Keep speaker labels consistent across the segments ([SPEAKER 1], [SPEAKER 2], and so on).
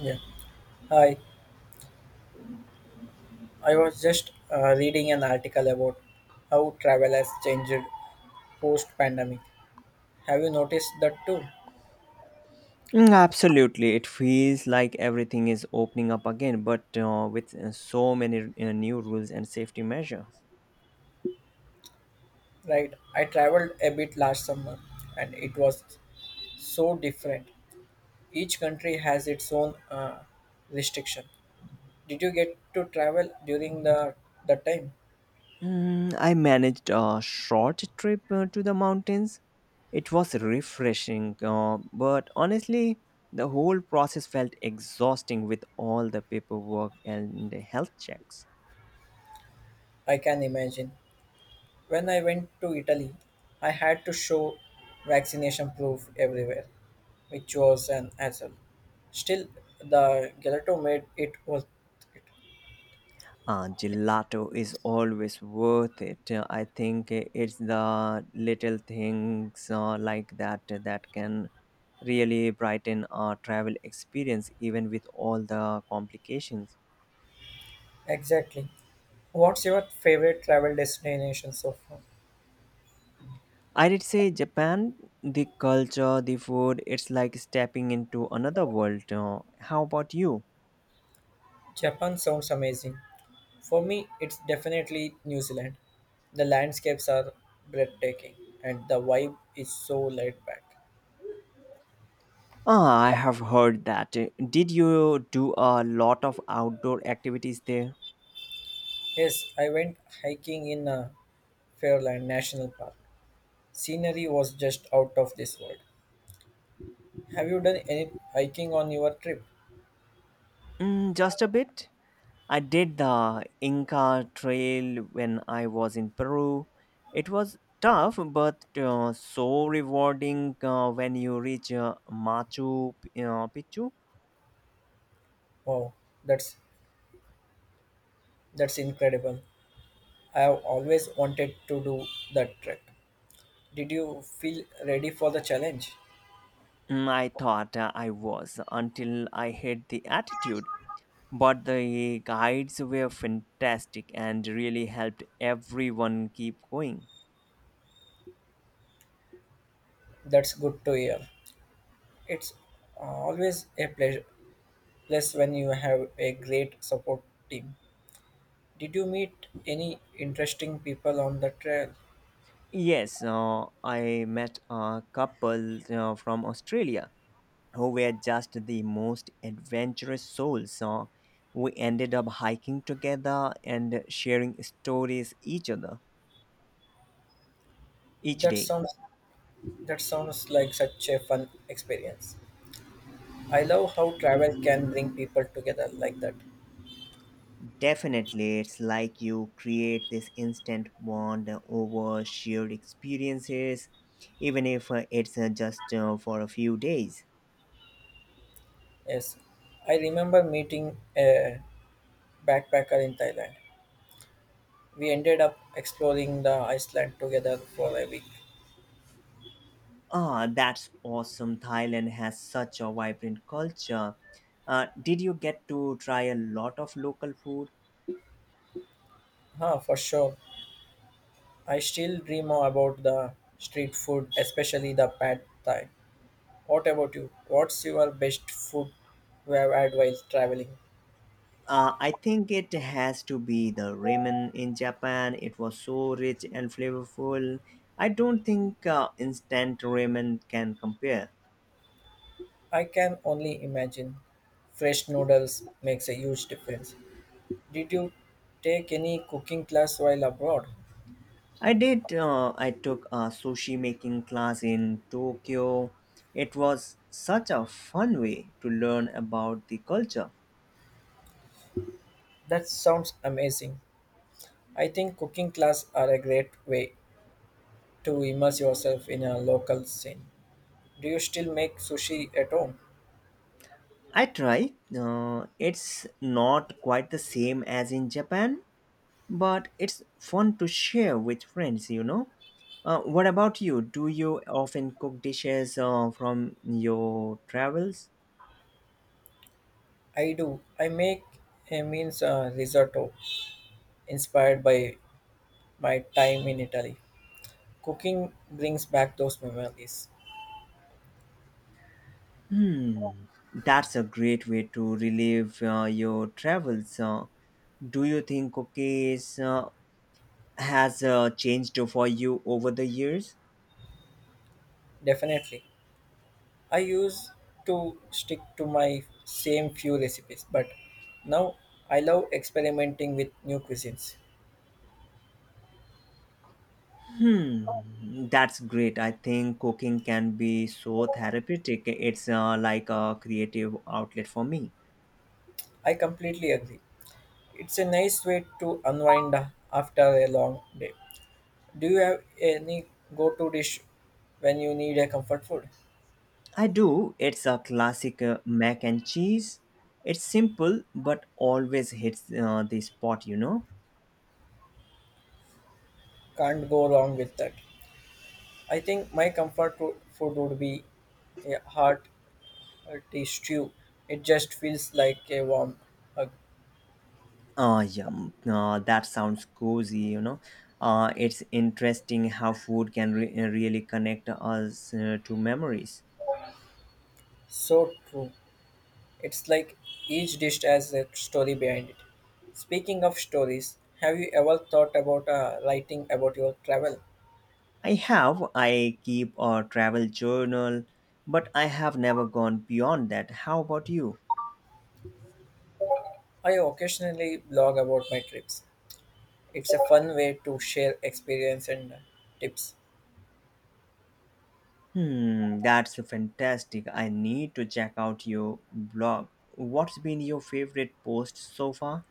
[SPEAKER 1] Yeah. Hi. I was just reading an article about how travel has changed post pandemic. Have you noticed that too?
[SPEAKER 2] Mm, absolutely. It feels like everything is opening up again, but with so many new rules and safety measures.
[SPEAKER 1] Right. I traveled a bit last summer and it was so different. Each country has its own restriction. Did you get to travel during the time?
[SPEAKER 2] Mm, I managed a short trip to the mountains. It was refreshing, but honestly, the whole process felt exhausting with all the paperwork and the health checks.
[SPEAKER 1] I can imagine. When I went to Italy, I had to show vaccination proof everywhere, which was an hassle. Still, the gelato made it worth it.
[SPEAKER 2] Gelato is always worth it. I think it's the little things like that can really brighten our travel experience, even with all the complications.
[SPEAKER 1] Exactly. What's your favorite travel destination so far?
[SPEAKER 2] I did say Japan, the culture, the food, it's like stepping into another world. How about you?
[SPEAKER 1] Japan sounds amazing. For me, it's definitely New Zealand. The landscapes are breathtaking and the vibe is so laid back.
[SPEAKER 2] Ah, I have heard that. Did you do a lot of outdoor activities there?
[SPEAKER 1] Yes, I went hiking in Fairland National Park. Scenery was just out of this world. Have you done any hiking on your trip?
[SPEAKER 2] Mm, just a bit. I did the Inca Trail when I was in Peru. It was tough, but so rewarding when you reach Picchu.
[SPEAKER 1] Wow, that's that's incredible. I have always wanted to do that trek. Did you feel ready for the challenge?
[SPEAKER 2] Mm, I thought I was until I hit the altitude. But the guides were fantastic and really helped everyone keep going.
[SPEAKER 1] That's good to hear. It's always a pleasure plus when you have a great support team. Did you meet any interesting people on the trail?
[SPEAKER 2] Yes, I met a couple from Australia who were just the most adventurous souls. So we ended up hiking together and sharing stories each other each
[SPEAKER 1] That
[SPEAKER 2] day.
[SPEAKER 1] sounds that sounds like such a fun experience. I love how travel can bring people together like that.
[SPEAKER 2] Definitely, it's like you create this instant bond over shared experiences, even if it's just for a few days.
[SPEAKER 1] Yes, I remember meeting a backpacker in Thailand. We ended up exploring the Iceland together for a week.
[SPEAKER 2] Ah, that's awesome. Thailand has such a vibrant culture. Did you get to try a lot of local food?
[SPEAKER 1] Huh, for sure. I still dream about the street food, especially the pad thai. What about you? What's your best food you have had while traveling?
[SPEAKER 2] I think it has to be the ramen in Japan. It was so rich and flavorful. I don't think instant ramen can compare.
[SPEAKER 1] I can only imagine. Fresh noodles makes a huge difference. Did you take any cooking class while abroad?
[SPEAKER 2] I did. I took a sushi making class in Tokyo. It was such a fun way to learn about the culture.
[SPEAKER 1] That sounds amazing. I think cooking class are a great way to immerse yourself in a local scene. Do you still make sushi at home?
[SPEAKER 2] I try. It's not quite the same as in Japan, but it's fun to share with friends, you know. What about you? Do you often cook dishes from your travels?
[SPEAKER 1] I do. I make a means risotto inspired by my time in Italy. Cooking brings back those memories.
[SPEAKER 2] Hmm, that's a great way to relive your travels. Do you think cookies has changed for you over the years?
[SPEAKER 1] Definitely. I used to stick to my same few recipes, but now I love experimenting with new cuisines.
[SPEAKER 2] Hmm, that's great. I think cooking can be so therapeutic. It's like a creative outlet for me.
[SPEAKER 1] I completely agree. It's a nice way to unwind after a long day. Do you have any go-to dish when you need a comfort food?
[SPEAKER 2] I do. It's a classic mac and cheese. It's simple, but always hits the spot, you know.
[SPEAKER 1] Can't go wrong with that. I think my food would be a hot hearty stew. It just feels like a warm hug.
[SPEAKER 2] Yum. That sounds cozy, you know. It's interesting how food can really connect us to memories.
[SPEAKER 1] So true. It's like each dish has a story behind it. Speaking of stories, have you ever thought about writing about your travel?
[SPEAKER 2] I have. I keep a travel journal, but I have never gone beyond that. How about you?
[SPEAKER 1] I occasionally blog about my trips. It's a fun way to share experience and tips.
[SPEAKER 2] Hmm, that's fantastic. I need to check out your blog. What's been your favorite post so far?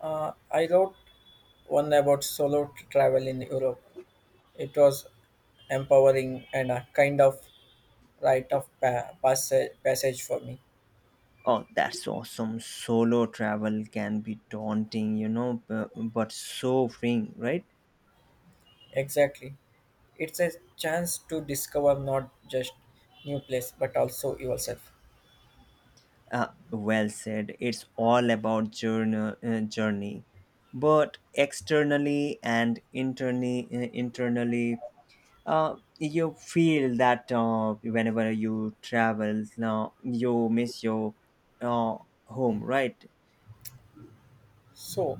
[SPEAKER 1] I wrote one about solo travel in Europe. It was empowering and a kind of rite of passage for me.
[SPEAKER 2] Oh, that's awesome. Solo travel can be daunting, you know, but so freeing, right?
[SPEAKER 1] Exactly. It's a chance to discover not just new place but also yourself.
[SPEAKER 2] Well said. It's all about journey. But externally and internally, you feel that whenever you travel, now, you miss your uh, home, right?
[SPEAKER 1] So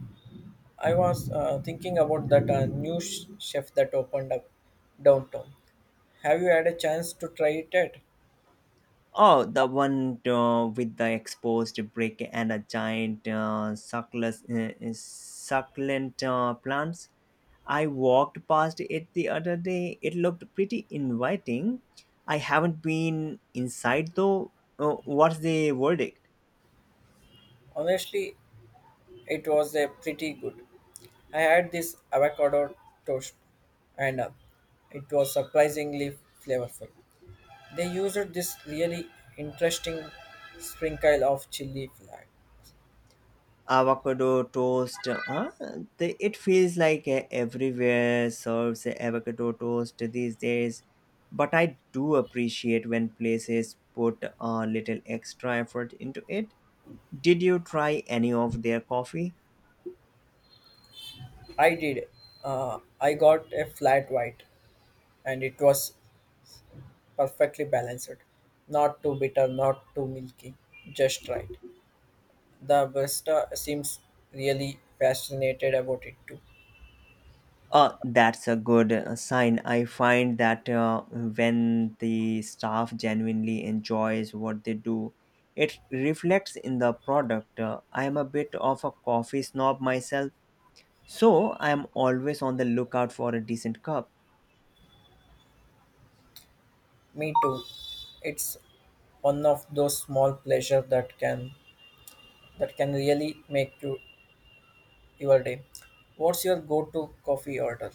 [SPEAKER 1] I was thinking about that chef that opened up downtown. Have you had a chance to try it yet?
[SPEAKER 2] Oh, the one with the exposed brick and a giant succulent plants. I walked past it the other day. It looked pretty inviting. I haven't been inside though. What's the verdict?
[SPEAKER 1] Honestly, it was a pretty good. I had this avocado toast and it was surprisingly flavorful. They used this really interesting sprinkle of chili flat.
[SPEAKER 2] Avocado toast, it feels like everywhere serves avocado toast these days, but I do appreciate when places put a little extra effort into it. Did you try any of their coffee?
[SPEAKER 1] I did. I got a flat white and it was perfectly balanced. Not too bitter, not too milky, just right. The barista seems really fascinated about it too.
[SPEAKER 2] That's a good sign. I find that when the staff genuinely enjoys what they do, it reflects in the product. I am a bit of a coffee snob myself, so I am always on the lookout for a decent cup.
[SPEAKER 1] Me too. It's one of those small pleasures that can really make you your day. What's your go-to coffee order?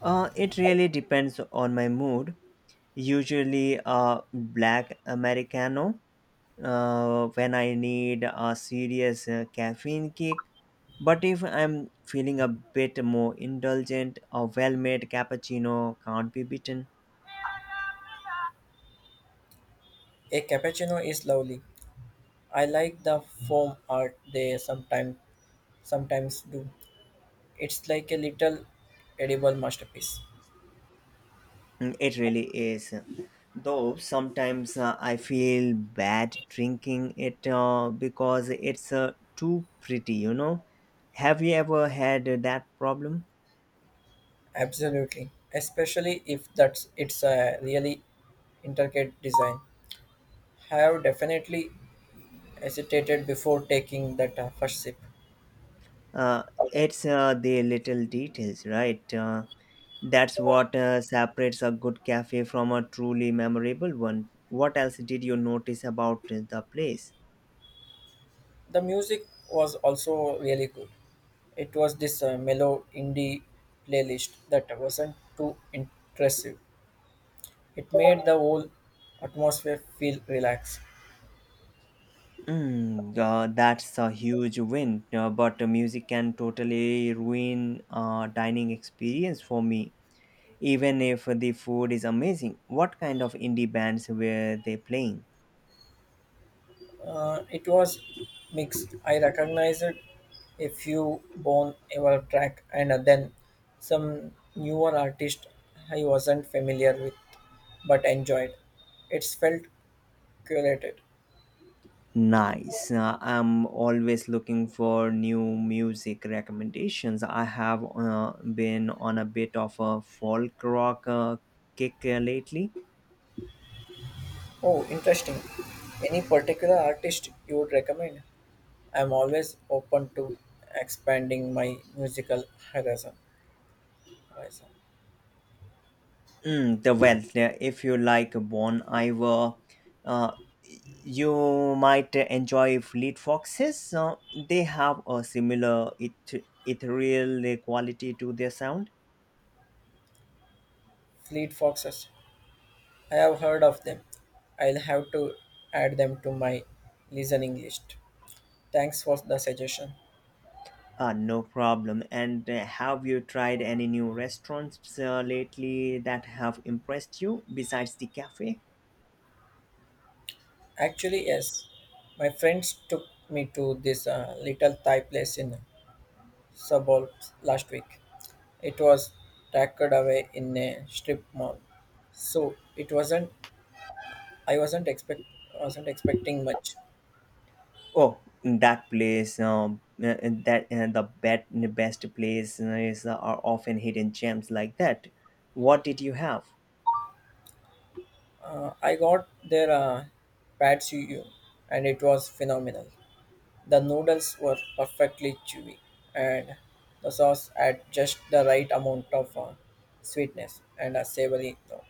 [SPEAKER 2] It really depends on my mood. Usually a black Americano when I need a serious caffeine kick. But if I'm feeling a bit more indulgent, a well made cappuccino can't be beaten.
[SPEAKER 1] A cappuccino is lovely. I like the foam art they sometimes do. It's like a little edible masterpiece.
[SPEAKER 2] Mm, it really is. Though sometimes I feel bad drinking it because it's too pretty, you know. Have you ever had that problem?
[SPEAKER 1] Absolutely, especially if that's it's a really intricate design. I have definitely hesitated before taking that first sip.
[SPEAKER 2] Uh, it's the little details, right? That's what separates a good cafe from a truly memorable one. What else did you notice about the place?
[SPEAKER 1] The music was also really good. It was this mellow indie playlist that wasn't too impressive. It made the whole atmosphere feel relaxed.
[SPEAKER 2] Mm, that's a huge win, but music can totally ruin dining experience for me, even if the food is amazing. What kind of indie bands were they playing?
[SPEAKER 1] It was mixed. I recognized a few Bon Ever track and then some newer artist I wasn't familiar with but enjoyed. It felt curated.
[SPEAKER 2] Nice. I'm always looking for new music recommendations. I have been on a bit of a folk rock kick lately.
[SPEAKER 1] Oh, interesting. Any particular artist you would recommend? I'm always open to expanding my musical horizon. horizon.
[SPEAKER 2] Mm, the wealth, if you like Bon Iver, uh, you might enjoy Fleet Foxes. They have a similar ethereal quality to their sound.
[SPEAKER 1] Fleet Foxes, I have heard of them. I'll have to add them to my listening list. Thanks for the suggestion.
[SPEAKER 2] No problem. And have you tried any new restaurants lately that have impressed you besides the cafe?
[SPEAKER 1] Actually, yes, my friends took me to this little Thai place in suburbs last week. It was tucked away in a strip mall, so it wasn't. I wasn't expect wasn't expecting much.
[SPEAKER 2] Oh, that place, best place are often hidden gems like that. What did you have?
[SPEAKER 1] I got their pad see ew, and it was phenomenal. The noodles were perfectly chewy, and the sauce had just the right amount of sweetness and a savory note.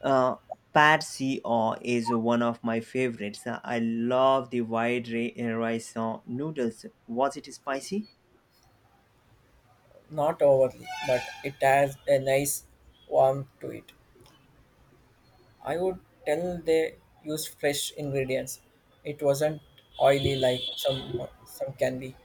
[SPEAKER 2] Uh, Patsy Aw is one of my favorites. I love the white rice noodles. Was it spicy?
[SPEAKER 1] Not overly, but it has a nice warmth to it. I would tell they used fresh ingredients. It wasn't oily like some can be.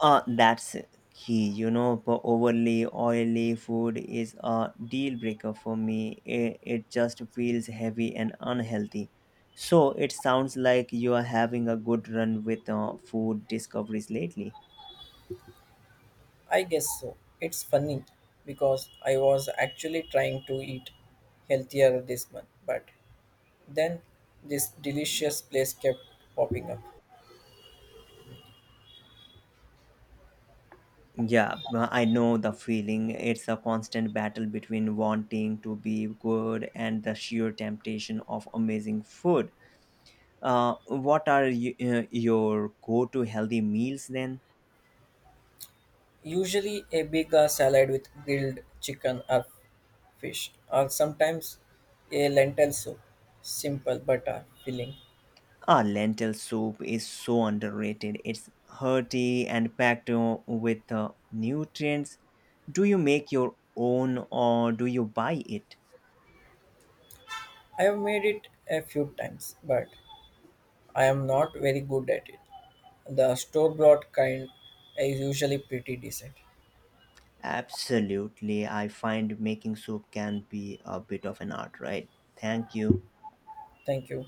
[SPEAKER 2] That's key. You know, but overly oily food is a deal breaker for me. It just feels heavy and unhealthy. So it sounds like you are having a good run with food discoveries lately.
[SPEAKER 1] I guess so. It's funny because I was actually trying to eat healthier this month, but then this delicious place kept popping up.
[SPEAKER 2] Yeah, I know the feeling. It's a constant battle between wanting to be good and the sheer temptation of amazing food. Your go to healthy meals then?
[SPEAKER 1] Usually, a big salad with grilled chicken or fish, or sometimes a lentil soup. Simple but filling.
[SPEAKER 2] Ah, lentil soup is so underrated. It's hearty and packed with nutrients. Do you make your own or do you buy it?
[SPEAKER 1] I have made it a few times, but I am not very good at it. The store bought kind is usually pretty decent.
[SPEAKER 2] Absolutely. I find making soup can be a bit of an art, right? Thank you.
[SPEAKER 1] Thank you.